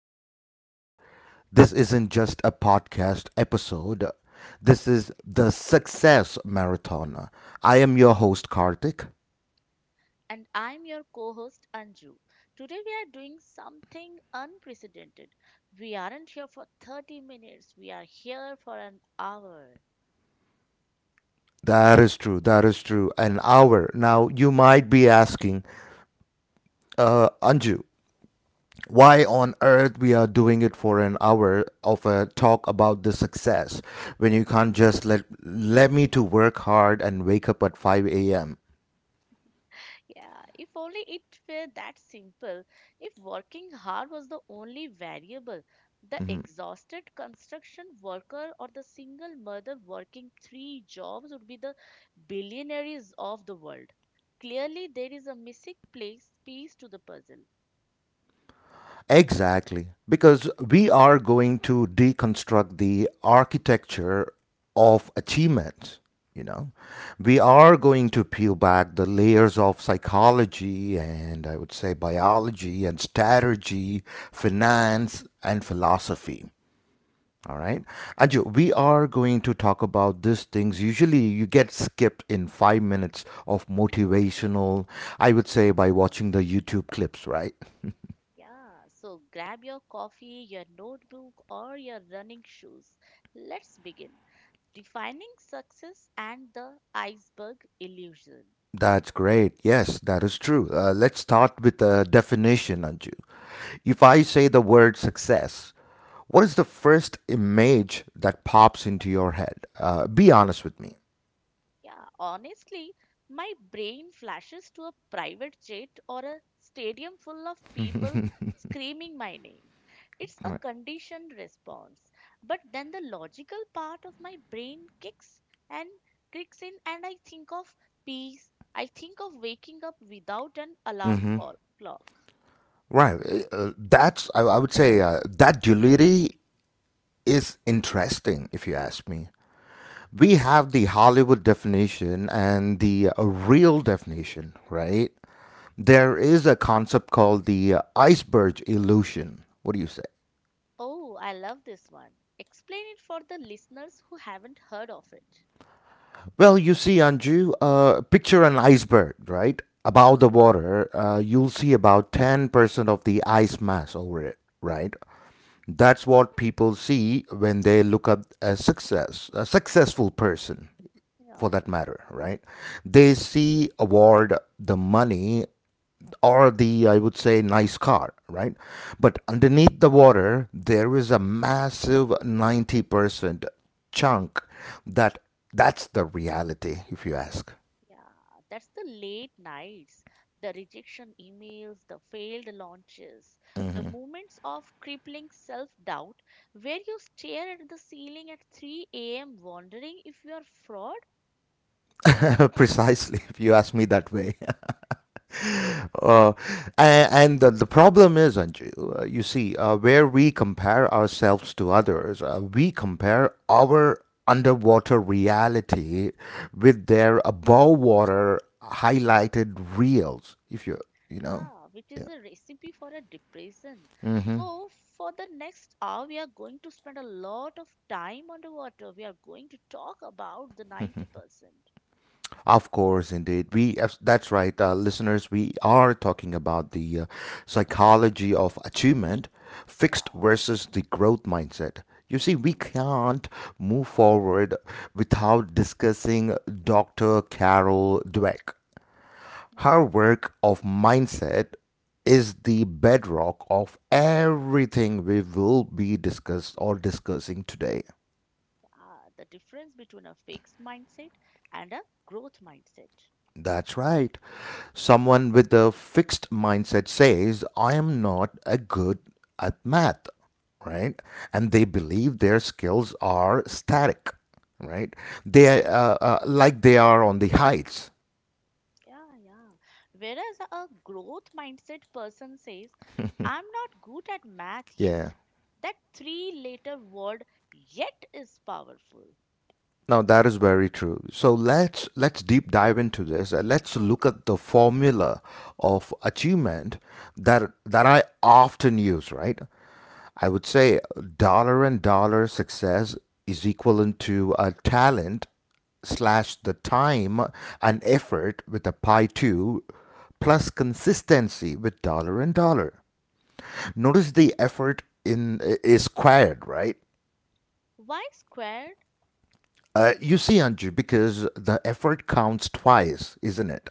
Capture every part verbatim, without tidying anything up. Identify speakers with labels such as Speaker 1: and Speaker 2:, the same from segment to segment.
Speaker 1: broadcast. This isn't just a podcast episode, this is the Success Marathon. I am your host, Karthik.
Speaker 2: And I'm your co host Anju. Today we are doing something unprecedented. We aren't here for thirty minutes, we are here for an hour.
Speaker 1: That is true, that is true. An hour. Now, you might be asking, uh, Anju, why on earth we are doing it for an hour of a talk about the success when you can't just let let me to work hard and wake up at five a.m.
Speaker 2: Yeah, if only it were that simple. If working hard was the only variable, the exhausted construction worker or the single mother working three jobs would be the billionaires of the world. Clearly, there is a missing place, piece to the puzzle.
Speaker 1: Exactly, because we are going to deconstruct the architecture of achievement. you know we are going to peel back the layers of psychology and I would say biology and strategy, finance, and philosophy. All
Speaker 2: Yeah,
Speaker 1: right. Anju, we are going to talk about these things. Usually you get skipped in five minutes of motivational, I would say, by watching the YouTube clips, right?
Speaker 2: yeah. So grab your coffee, your notebook, or your running shoes. Let's begin. Defining success and the iceberg illusion.
Speaker 1: That's great. Yes, that is true. Uh, let's start with the definition, Anju. If I say the word success, what is the first image that pops into your head? Uh, be honest with me.
Speaker 2: Yeah, honestly, my brain flashes to a private jet or a stadium full of people screaming my name. It's a
Speaker 1: Right.
Speaker 2: conditioned response. But then the logical part of my brain kicks and kicks in, and I think of peace. I think of waking up without an alarm call, clock.
Speaker 1: Right. Uh, that's, I, I would say, uh, that duality is interesting, if you ask me. We have the Hollywood definition and the uh, real definition, right? There is a concept called the uh, iceberg illusion. What do you say?
Speaker 2: Oh, I love this one. Explain it for the listeners who haven't heard of it.
Speaker 1: Well, you see, Anju, uh, picture an iceberg, right? Above the water, uh, you'll see about ten percent of the ice mass over it, right? That's what people see when they look at a success, a successful person,
Speaker 2: Yeah.
Speaker 1: for that matter, right? They see award the money, or the I would say nice car, right? But underneath the water there is a massive ninety percent chunk, that that's the reality if you ask.
Speaker 2: Yeah, that's the late nights, the rejection emails, the failed launches, the moments of crippling self doubt where you stare at the ceiling at three a m wondering if you are fraud.
Speaker 1: Precisely, if you ask me that way.
Speaker 2: Yeah,
Speaker 1: Uh, and and the, the problem is, Anju, uh, you see, uh, where we compare ourselves to others, uh, we compare our underwater reality with their above water highlighted reels. If you, you know,
Speaker 2: yeah, which is
Speaker 1: yeah.
Speaker 2: a recipe for a depression. So, for the next hour, we are going to spend a lot of time underwater. We are going to talk about the ninety percent.
Speaker 1: Of course, indeed. We abs- that's right, uh, listeners. We are talking about the uh, psychology of achievement,
Speaker 2: Yeah.
Speaker 1: fixed versus the growth mindset. You see, we
Speaker 2: Hmm,
Speaker 1: can't move forward without discussing doctor Carol Dweck.
Speaker 2: hmm.
Speaker 1: Her work of mindset is the bedrock of everything we will be discussed or discussing today.
Speaker 2: Ah, the difference between a fixed mindset and a growth mindset.
Speaker 1: That's right. Someone with a fixed mindset says, I am not a good at math, right? And they believe their skills are static, right? They uh, uh, like they are on the heights.
Speaker 2: Yeah, yeah. Whereas a growth mindset person says, I'm not good at math yet.
Speaker 1: Yeah.
Speaker 2: That three letter word yet is powerful.
Speaker 1: Now that is very true. So let's let's deep dive into this and let's look at the formula of achievement that that I often use, right? I would say dollar and dollar success is equivalent to a talent slash the time and effort with a pi two plus consistency with dollar and dollar. Notice the effort in is squared, right?
Speaker 2: Why squared?
Speaker 1: Uh, you see, Anju, because the effort counts twice, isn't it?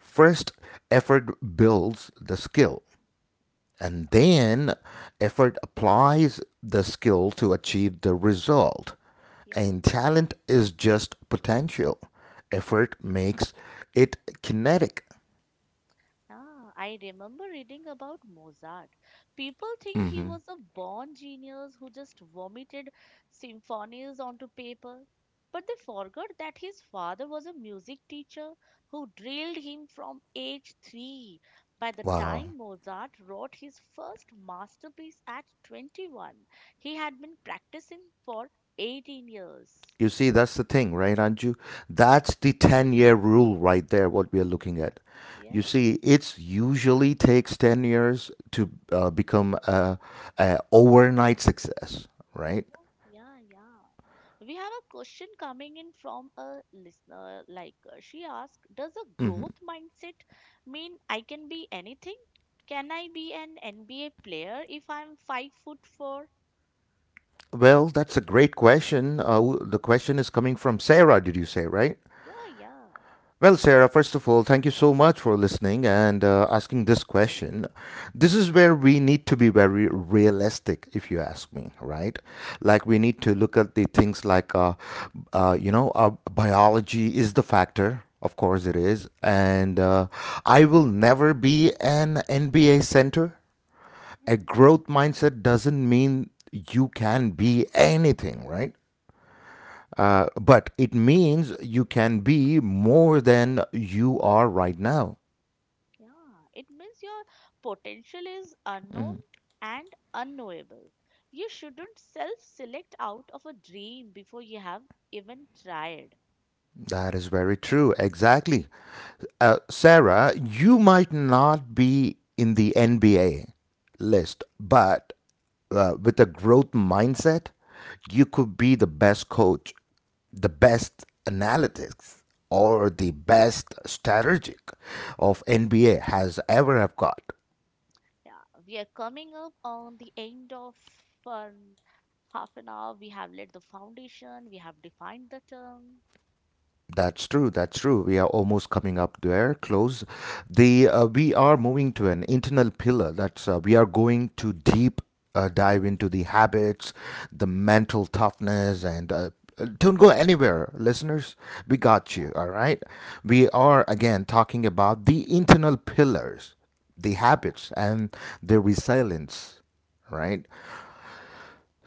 Speaker 1: First, effort builds the skill, and then effort applies the skill to achieve the result.
Speaker 2: Yeah.
Speaker 1: And talent is just potential. Effort makes it kinetic.
Speaker 2: Ah, I remember reading about Mozart. People think he was a born genius who just vomited symphonies onto paper. But they forgot that his father was a music teacher who drilled him from age three. By the
Speaker 1: Wow.
Speaker 2: time Mozart wrote his first masterpiece at twenty-one, he had been practicing for eighteen years.
Speaker 1: You see, that's the thing, right, Anju? That's the ten year rule right there, what we are looking at. You
Speaker 2: Yeah,
Speaker 1: see, it's usually takes ten years to uh, become a, a overnight success, right?
Speaker 2: yeah, yeah, yeah. We have a question coming in from a listener. Like uh, she asked, does a growth mindset mean I can be anything? Can I be an N B A player if I'm five foot four?
Speaker 1: Well, that's a great question. Uh, the question is coming from Sarah, did you say, right?
Speaker 2: Yeah, yeah,
Speaker 1: Well, Sarah, first of all, thank you so much for listening and uh, asking this question. This is where we need to be very realistic, if you ask me, right? Like, we need to look at the things like, uh, uh, you know, uh, biology is the factor. Of course, it is. And uh, I will never be an N B A center. A
Speaker 2: yeah,
Speaker 1: growth mindset doesn't mean you can be anything, right? Uh, but it means you can be more than you are right now.
Speaker 2: yeah. It means your potential is unknown and unknowable. You shouldn't self select out of a dream before you have even tried.
Speaker 1: That is very true. Exactly. Uh, Sarah, you might not be in the N B A list, but uh, with a growth mindset, you could be the best coach, the best analytics, or the best strategic of N B A has ever have got.
Speaker 2: Yeah, we are coming up on the end of um, half an hour. We have laid the foundation, we have defined the term.
Speaker 1: That's true. That's true. We are almost coming up there, close. The uh, we are moving to an internal pillar. That's uh, We are going to deep uh, dive into the habits, the mental toughness, and uh, don't go anywhere, listeners. We got
Speaker 2: Yeah,
Speaker 1: you. All right. We are again talking about the internal pillars, the
Speaker 2: yeah,
Speaker 1: habits, and the resilience. Right.
Speaker 2: yeah,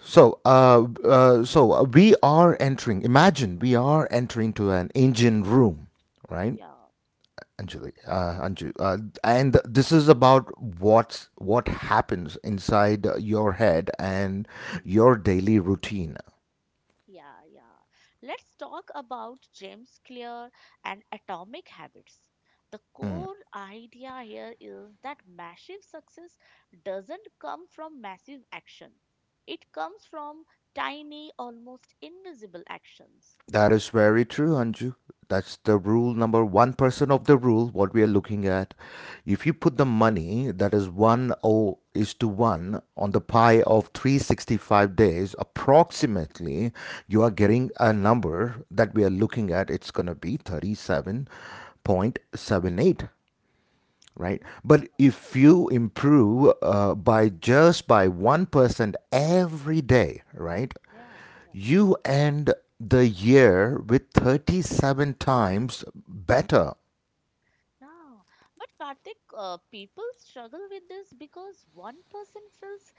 Speaker 1: So, uh, uh, so uh, we are entering. Imagine we are entering to an engine room, right,
Speaker 2: yeah, yeah.
Speaker 1: Anjali? Uh, Anju, uh, and this is about what's what happens inside your head and
Speaker 2: Hmm.
Speaker 1: your daily routine.
Speaker 2: Yeah, yeah. Let's talk about James Clear and atomic habits. The core idea here is that massive success doesn't come from massive action. It comes from tiny, almost invisible actions.
Speaker 1: That is very true, Anju. That's the rule number one percent of the rule, what we are looking at. If you put the money that is one oh is to one on the pie of three sixty-five days, approximately, you are getting a number that we are looking at. It's going to be thirty-seven point seven eight. Right,
Speaker 2: Yeah,
Speaker 1: but if you improve uh, by just by one percent every day, right,
Speaker 2: yeah,
Speaker 1: you end the year with thirty-seven times better.
Speaker 2: Yeah, but Karthik, uh, people struggle with this because one person feels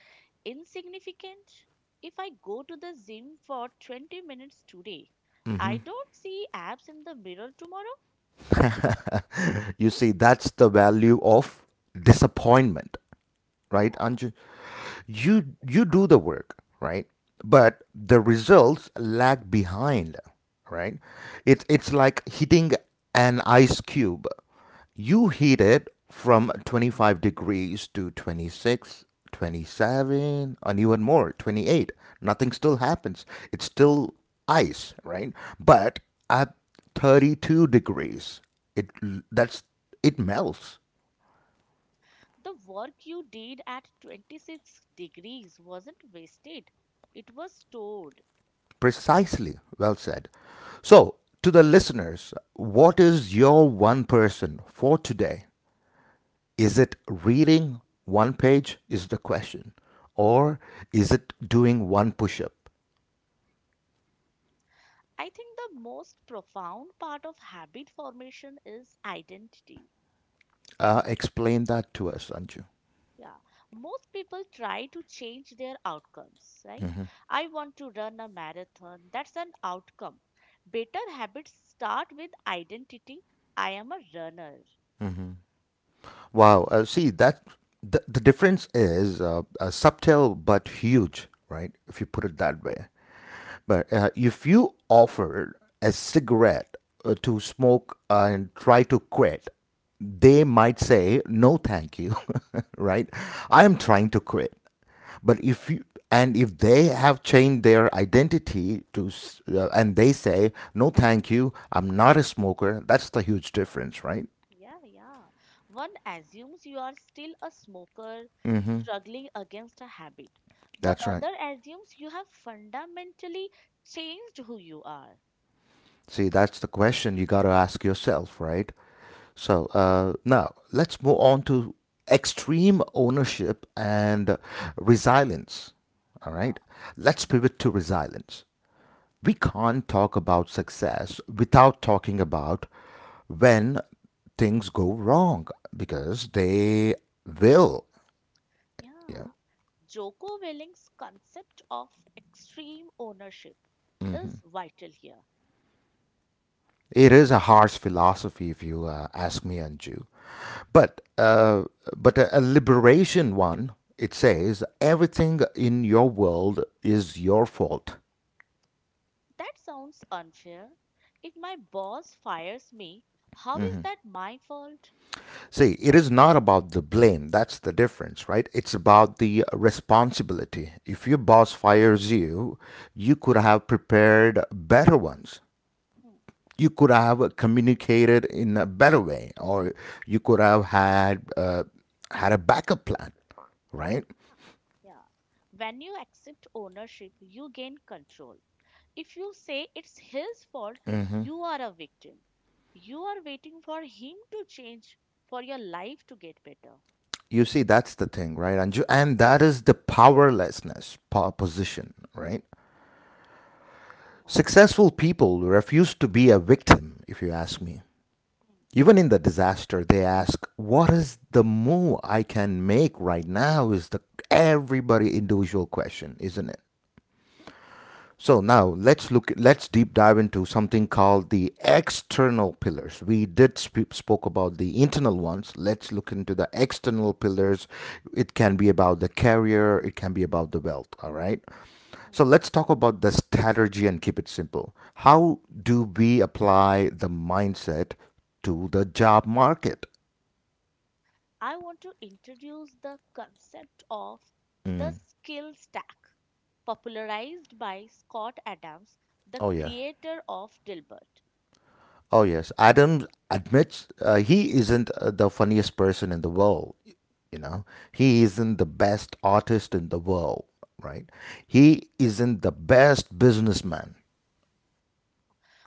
Speaker 2: insignificant. If I go to the gym for twenty minutes today, I don't see abs in the mirror tomorrow.
Speaker 1: You see, that's the value of disappointment, right,
Speaker 2: Yeah.
Speaker 1: Anju? you you do the work, right, but the results lag behind, right? It's
Speaker 2: Mm,
Speaker 1: it's like hitting an ice cube.
Speaker 2: mm.
Speaker 1: You heat it from twenty-five degrees to twenty six, twenty seven, and even more twenty-eight, nothing still happens. It's still ice, right? But at thirty-two degrees, it that's it melts.
Speaker 2: The work you did at twenty-six degrees wasn't wasted, it was stored.
Speaker 1: Precisely. Well said. So, to the listeners, what is your one person for today? Is it reading one page? Is the question. Or is it doing one push up?
Speaker 2: I think the most profound part of habit formation is identity.
Speaker 1: Uh, explain that to us, Anju.
Speaker 2: Yeah, most people try to change their outcomes, right? I want to run a marathon. That's an outcome. Better habits start with identity. I am a runner.
Speaker 1: Wow. Uh, see, that the, the difference is uh, uh, subtle but huge, right? If you put
Speaker 2: Hmm,
Speaker 1: it that way. But uh, if you offer a cigarette uh, to smoke uh, and try to quit, they might say, no, thank you, right? I am trying to quit. But
Speaker 2: Yeah,
Speaker 1: if you, and if they have changed their identity to, s- uh, and they say, no, thank you, I'm not a smoker, that's the huge difference, right?
Speaker 2: yeah. yeah. One assumes you are still a smoker struggling against a habit. The
Speaker 1: That's right.
Speaker 2: other assumes you have fundamentally changed who you are.
Speaker 1: See, that's the question you got to ask yourself, right? So uh, now let's move on to extreme ownership and uh, resilience. All
Speaker 2: Yeah.
Speaker 1: right, let's
Speaker 2: hmm,
Speaker 1: pivot to resilience. We can't talk about success without talking about when things go wrong because they will. Yeah.
Speaker 2: Yeah. Joko Willing's concept of extreme ownership is vital here.
Speaker 1: It is a harsh philosophy, if you uh, ask me, Anju. But uh, but a, a liberation one. It says everything in your world is your fault.
Speaker 2: That sounds unfair. If my boss fires me, how is that my fault?
Speaker 1: See, it is not about the blame. That's the difference, right? It's about the responsibility. If your boss fires you, you could have prepared better ones.
Speaker 2: Hmm,
Speaker 1: You could have communicated in a better way, or you could have had uh, had a backup plan, right?
Speaker 2: yeah. When you accept ownership, you gain control. If you say it's his fault, you are a victim. You are waiting for him to change for your life to get better.
Speaker 1: You see, that's the thing, right, Anju? And that is the powerlessness po- position, right?
Speaker 2: Yeah.
Speaker 1: Successful people refuse to be a victim, if you ask me.
Speaker 2: Hmm,
Speaker 1: Even in the disaster, they ask, what is the move I can make right now? Is the everybody individual question, isn't it? So now let's look let's deep dive into something called the external pillars. We did sp- spoke about the internal ones. Let's look into the external pillars. It can be about the career, it can be about the wealth, all right?
Speaker 2: hmm.
Speaker 1: So let's talk about the strategy and keep it simple. How do we apply the mindset to the job market?
Speaker 2: I want to introduce the concept of the skill stack, popularized by Scott Adams, the
Speaker 1: Oh yeah.
Speaker 2: creator of Dilbert.
Speaker 1: Oh yes, Adam admits uh, he isn't uh, the funniest person in the world. You know, he isn't the best artist in the world, right? He isn't the best businessman.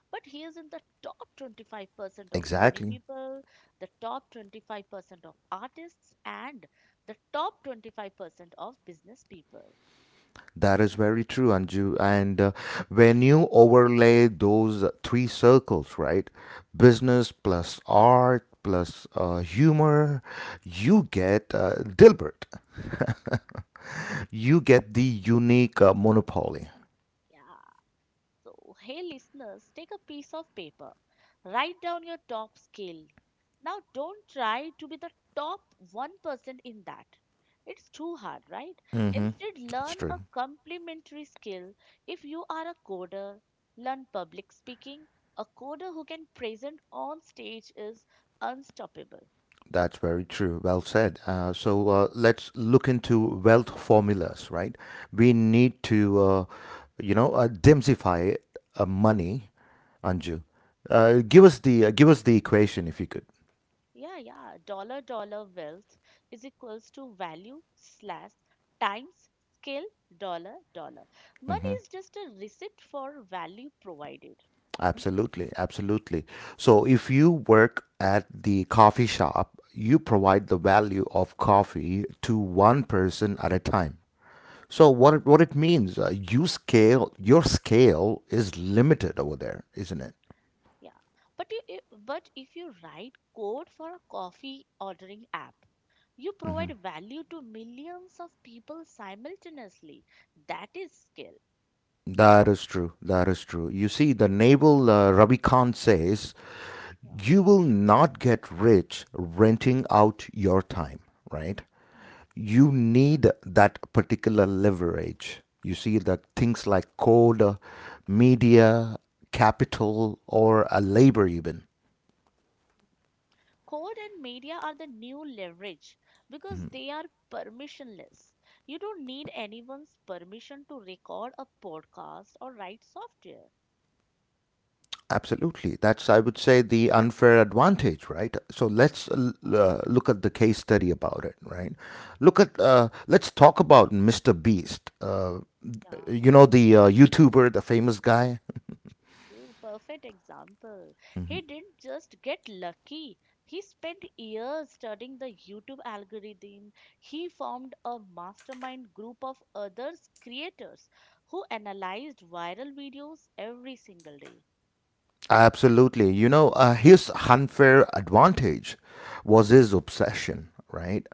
Speaker 2: But he is in the top twenty-five percent of funny
Speaker 1: Exactly.
Speaker 2: people, the top twenty-five percent of artists, and the top twenty-five percent of business people.
Speaker 1: That is very true, Anju. And uh, when you overlay those three circles, right? Business plus art plus uh, humor, you get uh, Dilbert. You get the unique uh, monopoly.
Speaker 2: Yeah. So, hey listeners, take a piece of paper, write down your top skill. Now, don't try to be the top one percent in that. It's too hard, right? Instead,
Speaker 1: That's
Speaker 2: learn
Speaker 1: true.
Speaker 2: a complementary skill. If you are a coder, learn public speaking. A coder who can present on stage is unstoppable.
Speaker 1: That's very true. Well said. Uh, so uh, let's look into wealth formulas, right? We need to, uh, you know, uh, demystify uh, money, Anju. Uh, give us the uh, give us the equation if you could.
Speaker 2: Yeah, yeah. Dollar dollar wealth is equals to value slash times scale dollar dollar. Money is just a receipt for value provided.
Speaker 1: Absolutely, absolutely. So if you work at the coffee shop, you provide the value of coffee to one person at a time. So what it, what it means, uh, you scale your scale is limited over there, isn't it?
Speaker 2: Yeah. But you, i- but if you write code for a coffee ordering app, you provide value to millions of people simultaneously. That is scale.
Speaker 1: That is true. That is true. You see, the naval uh, Ravi Khan says,
Speaker 2: Yeah.
Speaker 1: you will not get rich renting out your time, right?
Speaker 2: Hmm.
Speaker 1: You need that particular leverage. You see, that things like code, uh, media, capital, or a labor even.
Speaker 2: Code and media are the new leverage because they are permissionless. You don't need anyone's permission to record a podcast or write software.
Speaker 1: Absolutely. That's, I would say, the unfair advantage, right? So let's uh, l-
Speaker 2: Yeah,
Speaker 1: uh, look at the case study about it, right? Look at, uh, let's talk about mister Beast. Uh,
Speaker 2: yeah,
Speaker 1: you know, the uh, YouTuber, the famous guy.
Speaker 2: true. Perfect example. He didn't just get lucky. He spent years studying the YouTube algorithm. He formed a mastermind group of others creators who analyzed viral videos every single day.
Speaker 1: Absolutely. You know, uh, his unfair advantage was his obsession, right?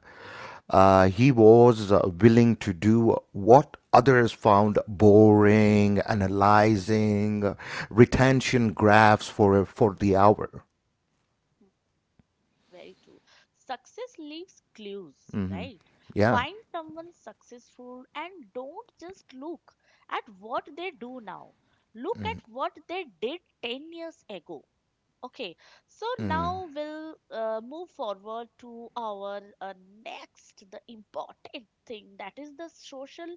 Speaker 1: Uh, he was uh, willing to do what others found boring, analyzing uh, retention graphs for for the hour.
Speaker 2: Very true. Success leaves clues,
Speaker 1: Hmm.
Speaker 2: right?
Speaker 1: Yeah.
Speaker 2: Find someone successful and don't just look at what they do now. Look at what they did ten years ago. Okay, so
Speaker 1: Mm.
Speaker 2: now we'll uh, move forward to our uh, next, the important thing that is the social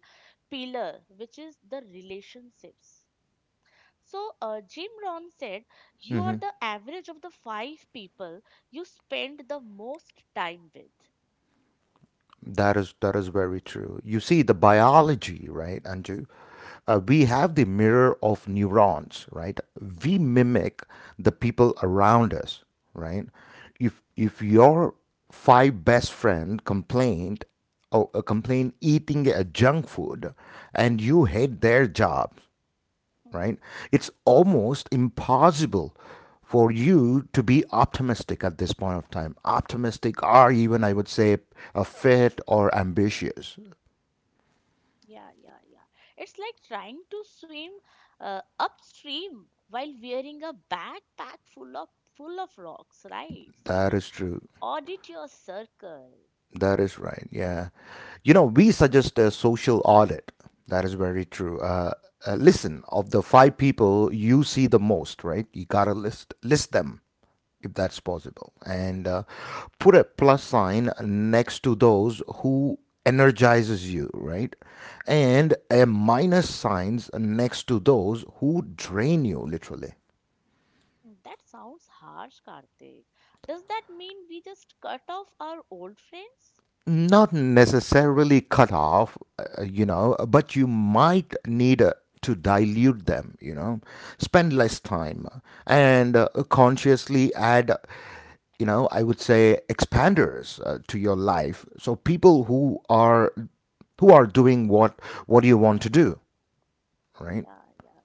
Speaker 2: pillar, which is the relationships. So, uh, Jim Rohn said, you are the average of the five people you spend the most time with.
Speaker 1: That is that is very true. You see, the biology, right, Anju? Uh, we have the mirror of neurons, right?
Speaker 2: Hmm,
Speaker 1: We mimic the people around us, right? If if your five best friend complained, oh, uh, complained eating a junk food, and you hate their job,
Speaker 2: hmm.
Speaker 1: right? It's almost impossible for you to be optimistic at this point of time. Optimistic, or even I would say, a fit or ambitious.
Speaker 2: Yeah, yeah, yeah. It's like trying to swim uh, upstream while wearing a backpack full of full of rocks, right? So, it
Speaker 1: That
Speaker 2: means
Speaker 1: is true.
Speaker 2: audit your circle.
Speaker 1: That is right. Yeah. You know, we suggest a social audit. That is very true. Uh, uh, listen, of the five people you see the most, right? You gotta list list them if that's possible, and uh, put a plus sign next to those who energizes you, right? And a minus signs next to those who drain you, literally.
Speaker 2: Hmm, That sounds harsh, Karthik. Does that mean we just cut off our old friends?
Speaker 1: Not necessarily cut off, uh, you know, but you might need uh, to dilute them, you know, spend less time uh, and uh, consciously add, uh, you know, I would say expanders uh, to your life. So people who are who are doing what what you want to do, right?
Speaker 2: Yeah, yeah.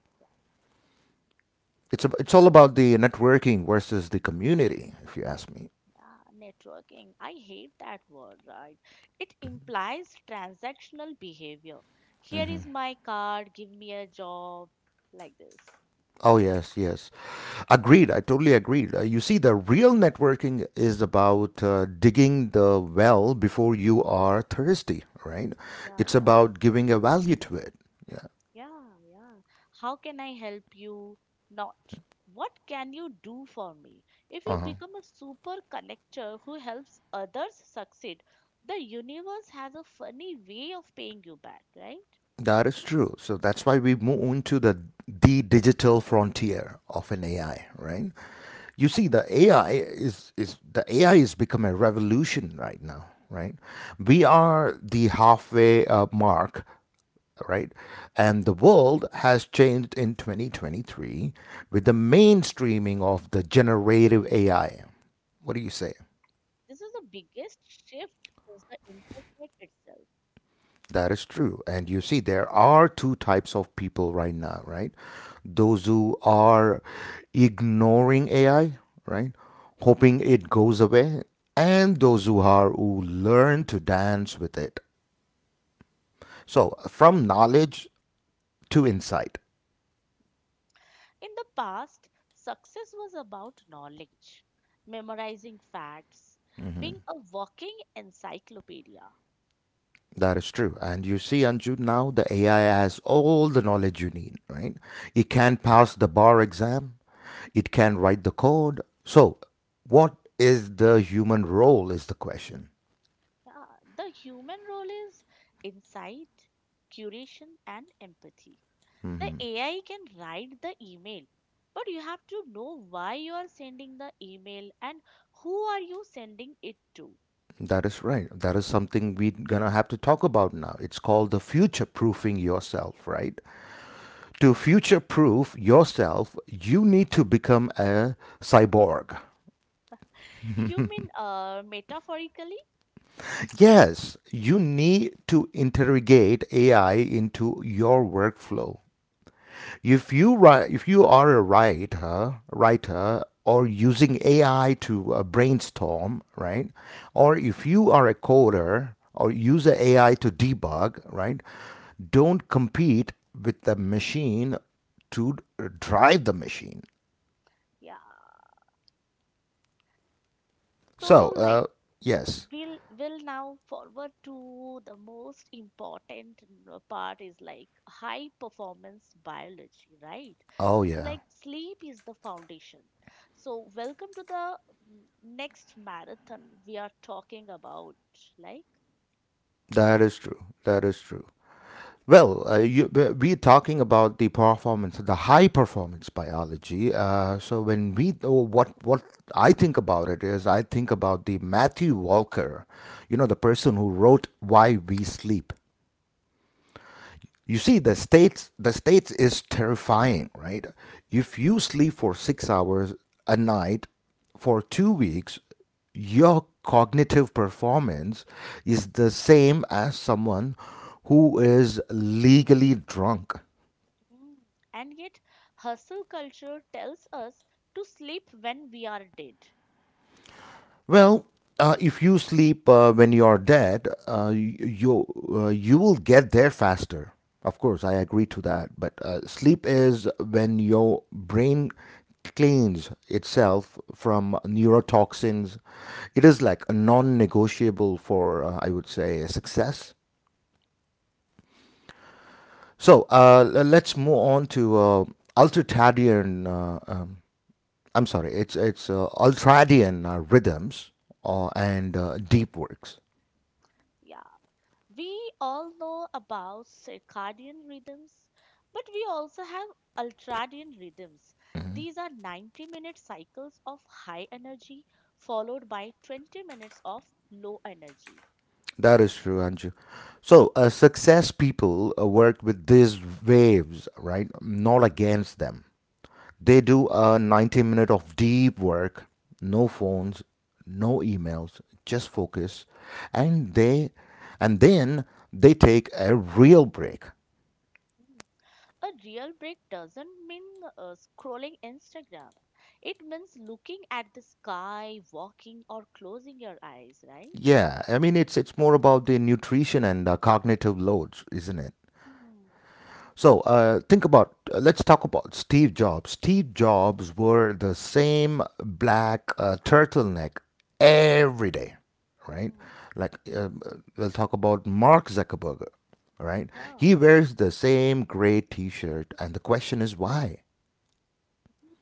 Speaker 1: It's a, it's all
Speaker 2: So,
Speaker 1: about the networking versus the community, if you ask me.
Speaker 2: Yeah, networking. I hate that word, right? It implies transactional behavior. Here is my card, give me a job, like this.
Speaker 1: Oh, yes, yes. Agreed. I totally agreed. Uh, you see, the real networking is about uh, digging the well before you are thirsty, right?
Speaker 2: Yeah,
Speaker 1: It's
Speaker 2: yeah,
Speaker 1: about giving a value to it. Yeah.
Speaker 2: yeah, yeah. How can I help you? Not. What can you do for me? If you become a super connector who helps others succeed, the universe has a funny way of paying you back, right?
Speaker 1: That is true. So that's why we move into the the digital frontier of an A I, right? You see, the A I is is the A I is become a revolution right now, right? We are the halfway uh, mark, right? And the world has changed in twenty twenty-three with the mainstreaming of the generative A I. What do you say?
Speaker 2: This is the biggest shift since the internet itself.
Speaker 1: That is true. And you see, there are two types of people right now, right? Those who are ignoring A I, right? Hoping it goes away, and those who are who learn to dance with it. So, from knowledge to insight.
Speaker 2: In the past, success was about knowledge, memorizing facts, being a walking encyclopedia.
Speaker 1: That is true. And you see, Anju, now the A I has all the knowledge you need, right? It can pass the bar exam, it can write the code. So, what is the human role, is the question.
Speaker 2: Yeah, the human role is insight, curation, and empathy. The A I can write the email, but you have to know why you are sending the email and who are you sending it to.
Speaker 1: That is right. That is something we're going to have to talk about now. It's called the future proofing yourself, right? To future proof yourself, you need to become a cyborg.
Speaker 2: You mean uh, metaphorically?
Speaker 1: Yes, you need to interrogate A I into your workflow. If you write, if you are a writer, writer or
Speaker 2: Yeah,
Speaker 1: using A I to uh, brainstorm, right?
Speaker 2: yeah.
Speaker 1: Or if you are a coder or use A I to debug, right? Don't compete with the machine to drive the machine.
Speaker 2: yeah.
Speaker 1: So,
Speaker 2: So, like,
Speaker 1: uh, yes.
Speaker 2: we'll will now forward to the most important n- part is like high performance biology, right,
Speaker 1: Oh,
Speaker 2: which is
Speaker 1: yeah.
Speaker 2: like sleep is the foundation. So welcome to the mm, next marathon we are talking about like. Yeah.
Speaker 1: That is true. That is true. Well, uh, you, we- we're talking about the performance, the high performance biology. Uh, so when we, oh, what what I think about it is, I think about the Matthew Walker, you know, the person who wrote Why We Sleep. You see, the states, the states is terrifying, right? If you sleep for six hours a night for two weeks, your cognitive performance is the same as someone who is legally drunk.
Speaker 2: Mm. And yet hustle culture tells us to sleep when we are dead.
Speaker 1: Well, uh, if you sleep uh, when you are dead, uh, y- you uh, you will get there faster. Of course, I agree to that. But uh, sleep is when your brain cleans itself from neurotoxins. It is like a non-negotiable for, uh, I would say, success. So uh, l- let's move on to uh, ultradian. Uh, um, I'm sorry, it's it's uh, ultradian uh, rhythms uh, and uh, deep works.
Speaker 2: Yeah. We all know about circadian rhythms, but we also have ultradian rhythms. These are ninety minute cycles of high energy followed by twenty minutes of low energy.
Speaker 1: That is true, Anju. So, uh, success people uh, work with these waves, right? Not against them. They do a ninety minute of deep work, no phones, no emails, just focus, and they and then they take a real break.
Speaker 2: Mm. A real break doesn't mean uh, scrolling Instagram. It means looking at the sky, walking, or closing your eyes, right?
Speaker 1: Yeah, I mean it's it's more about the nutrition and uh, cognitive loads, isn't it?
Speaker 2: Hmm.
Speaker 1: So uh, think about, uh, let's talk about Steve Jobs. Steve Jobs wore the same black uh, turtleneck every day, right?
Speaker 2: Hmm.
Speaker 1: Like, uh, we'll talk about Mark Zuckerberg, right?
Speaker 2: Yeah.
Speaker 1: He wears the same gray t shirt, and the question is why?
Speaker 2: Mm.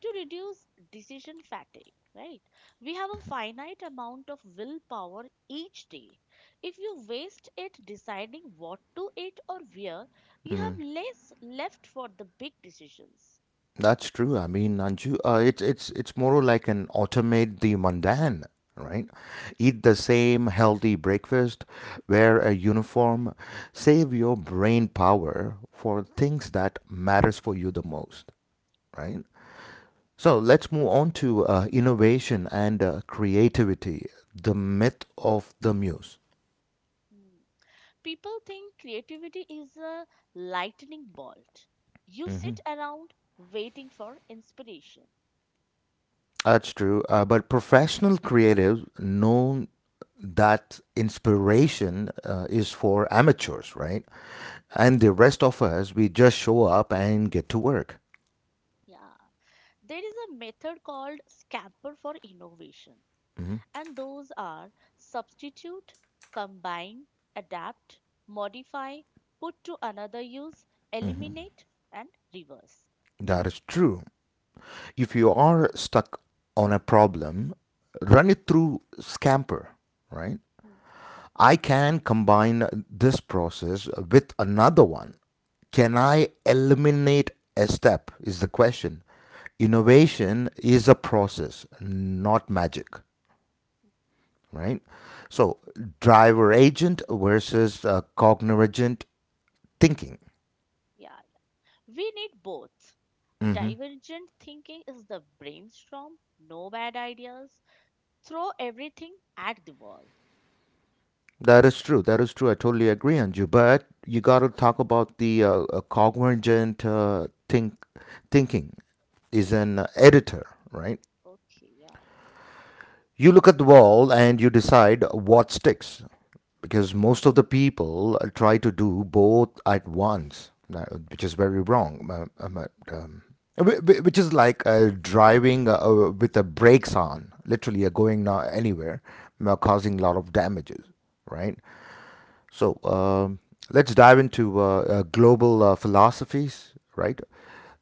Speaker 2: To reduce decision fatigue, right? We have a finite amount of willpower each day. If you waste it deciding what to eat or wear, you have less left for the big decisions.
Speaker 1: That's true. I mean, Anju, uh, it's it's it's more like an automate the mundane, right? Eat the same healthy breakfast, wear a uniform, save your brain power for things that matters for you the most, right? So let's move on to uh, innovation and uh, creativity, the myth of the muse.
Speaker 2: Mm. People think creativity is a lightning bolt. You sit around waiting for inspiration.
Speaker 1: That's true. Uh, but professional creatives know that inspiration uh, is for amateurs, right? And the rest of us, we just show up and get to work.
Speaker 2: Yeah. There is a method called scamper for innovation, and those are substitute, combine, adapt, modify, put to another use, eliminate, and reverse.
Speaker 1: That is true. If you are stuck on a problem, run it through Scamper, right?
Speaker 2: Hmm,
Speaker 1: I can combine this process with another one. Can I eliminate a step? Is the question. Innovation is a process, not magic, right? So, driver agent versus uh, cognorigent thinking.
Speaker 2: Yeah, we need both. Divergent thinking is the brainstorm, no bad ideas, throw everything at the wall.
Speaker 1: That is true. That is true. I totally agree on you. But you got to talk about the uh, uh, cognorigent uh, think thinking is an uh, editor, right?
Speaker 2: Okay, yeah.
Speaker 1: You look at the wall and you decide what sticks, because most of the people uh, try to do both at once, uh, which is very wrong. Uh, um, uh, um, which is like uh, driving uh, uh, with the brakes on, literally uh, going not anywhere, uh, causing a lot of damages, right. So um, let's dive into uh, uh, global uh, philosophies, right?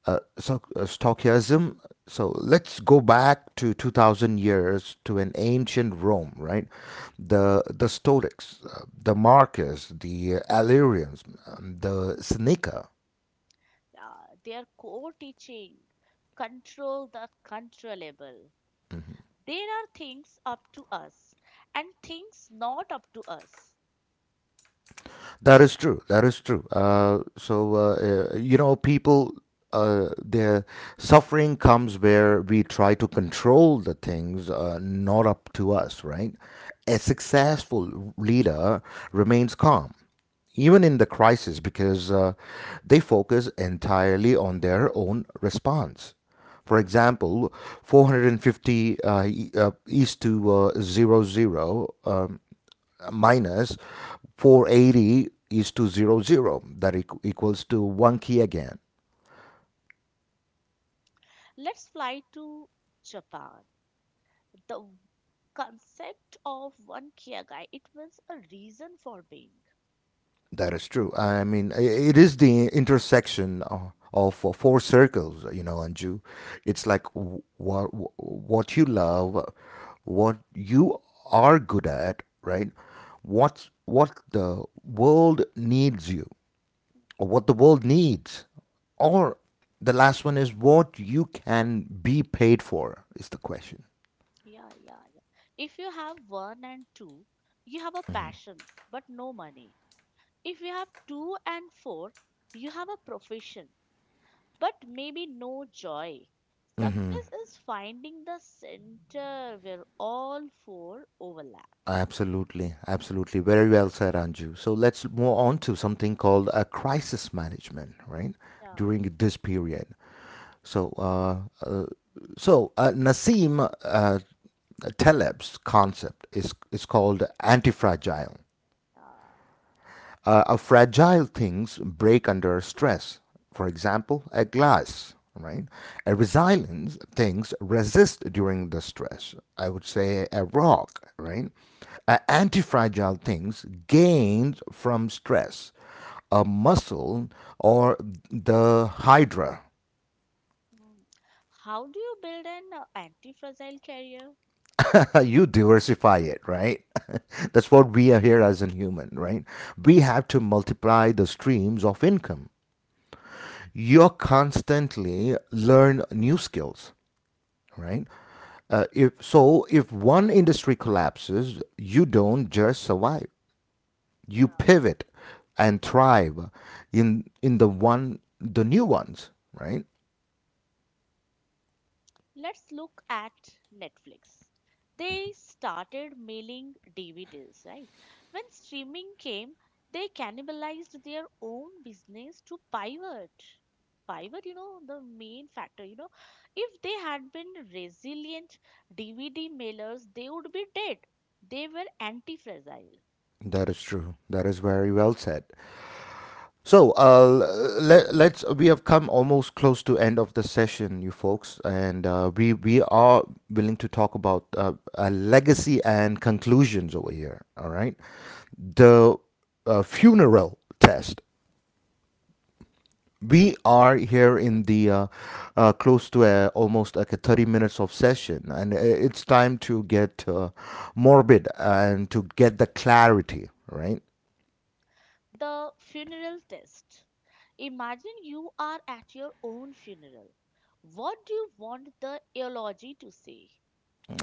Speaker 1: Uh, so uh, Stoicism. So let's go back to two thousand years to an ancient Rome, right? The the Stoics, uh, the Marcus, the Illyrians, um, the Seneca.
Speaker 2: Yeah, their core teaching control the controllable. There are things up to us and things not up to us.
Speaker 1: That is true. That is true. Uh, so uh, uh, you know, people, uh, their suffering comes where we try to control the things uh, not up to us, right? A successful leader remains calm, even in the crisis, because uh, they focus entirely on their own response. For example, four hundred fifty uh, e- uh, east to uh, 00 zero, um, minus four hundred eighty is to zero zero. That equals to one key again.
Speaker 2: Let's fly to Japan. The concept of one kyagai, it means a reason for being.
Speaker 1: That is true. I mean, it is the intersection of, of uh, four circles, you know, Anju. It's like what what you love, what you are good at, right? What's what the world needs you, or what the world needs, or the last one is what you can be paid for is the question.
Speaker 2: Yeah, yeah, yeah. If you have one and two, you have a passion but no money. If you have two and four, you have a profession but maybe no joy. Success is finding the center where all four overlap.
Speaker 1: Absolutely, absolutely. Very well said, Anju. So let's move on to something called a crisis management, right?
Speaker 2: Yeah,
Speaker 1: During this period. So, uh, uh, so uh, Nassim uh, Taleb's concept is is called anti-fragile.
Speaker 2: yeah.
Speaker 1: Uh, our fragile things break under stress. For example, a glass, right? A resilient things resist during the stress. I would say a rock, right? Uh, anti-fragile things gained from stress. A muscle or the hydra.
Speaker 2: Hmm. How do you build an uh, anti-fragile career?
Speaker 1: You diversify it, right? That's what we are here as a human, right? We have to multiply the streams of income.
Speaker 2: Hmm.
Speaker 1: You're constantly learn new skills, right? Uh, if so, if one industry collapses, you don't just survive.
Speaker 2: Uh,
Speaker 1: You pivot and thrive in in the one the new ones, right?
Speaker 2: let's look at Netflix. They started mailing D V Ds, right? When streaming came, they cannibalized their own business to pivot. Pivot, you know, the main factor, you know, if they had been resilient D V D mailers, they would be dead. They were anti fragile.
Speaker 1: That is true. That is very well said. So uh, let, let's we have come almost close to end of the session, you folks, and uh, we we are willing to talk about uh, a legacy and conclusions over here. All right, the uh, funeral test. We are here in the uh, uh, close to uh almost like a thirty minutes of session, and i- it's time to get uh, morbid and to get the clarity, right?
Speaker 2: The funeral test. Imagine you are at your own funeral. What do you want the eulogy to say?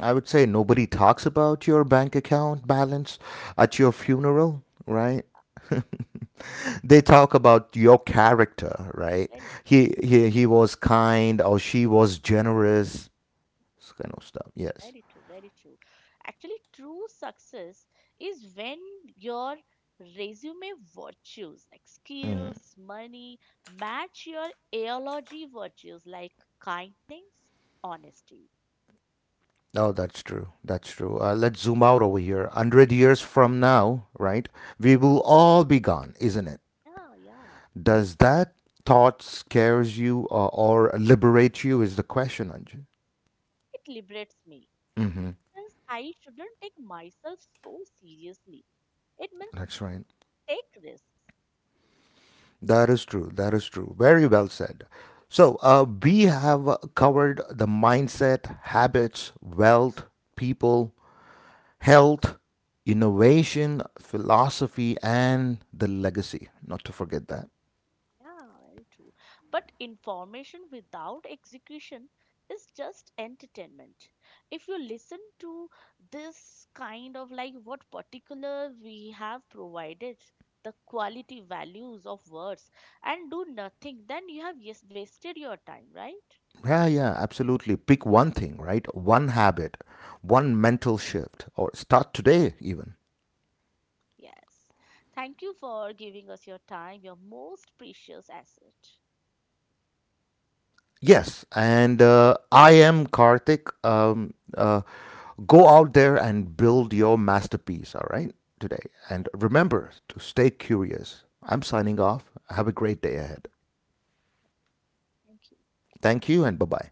Speaker 1: I would say nobody talks about your bank account balance at your funeral, right? They talk about your character, right?
Speaker 2: Very true,
Speaker 1: He he he was kind or she was generous. This kind of stuff. Yes.
Speaker 2: very true, very true. Actually, true success is when your resume virtues like skills, money match your eulogy virtues like kindness, honesty.
Speaker 1: Oh, that's true. That's true. Uh, let's zoom out over here. one hundred years from now, right? We will all be gone, isn't it?
Speaker 2: Yeah, yeah.
Speaker 1: Does that thought scares you or, or liberate you is the question, Anju.
Speaker 2: It liberates me. Since I shouldn't take myself so seriously. It means
Speaker 1: That's right.
Speaker 2: take risks.
Speaker 1: That is true. That is true. Very well said. So, uh, we have uh, covered the mindset, habits, wealth, people, health, innovation, philosophy, and the legacy. Not to forget that.
Speaker 2: Yeah, very true. But information without execution is just entertainment. If you listen to this kind of like what particular we have provided, the quality values of words, and do nothing, then you have yes, wasted your time, right?
Speaker 1: Yeah, yeah, absolutely. Pick one thing, right? One habit, one mental shift, or start today, even.
Speaker 2: Yes. Thank you for giving us your time, your most precious asset.
Speaker 1: Yes, and uh, I am Karthik. Um, uh, go out there and build your masterpiece, all right, today.
Speaker 2: Yeah,
Speaker 1: And remember to stay curious. I'm signing off. Have a great day ahead.
Speaker 2: thank you.
Speaker 1: Thank you and bye bye.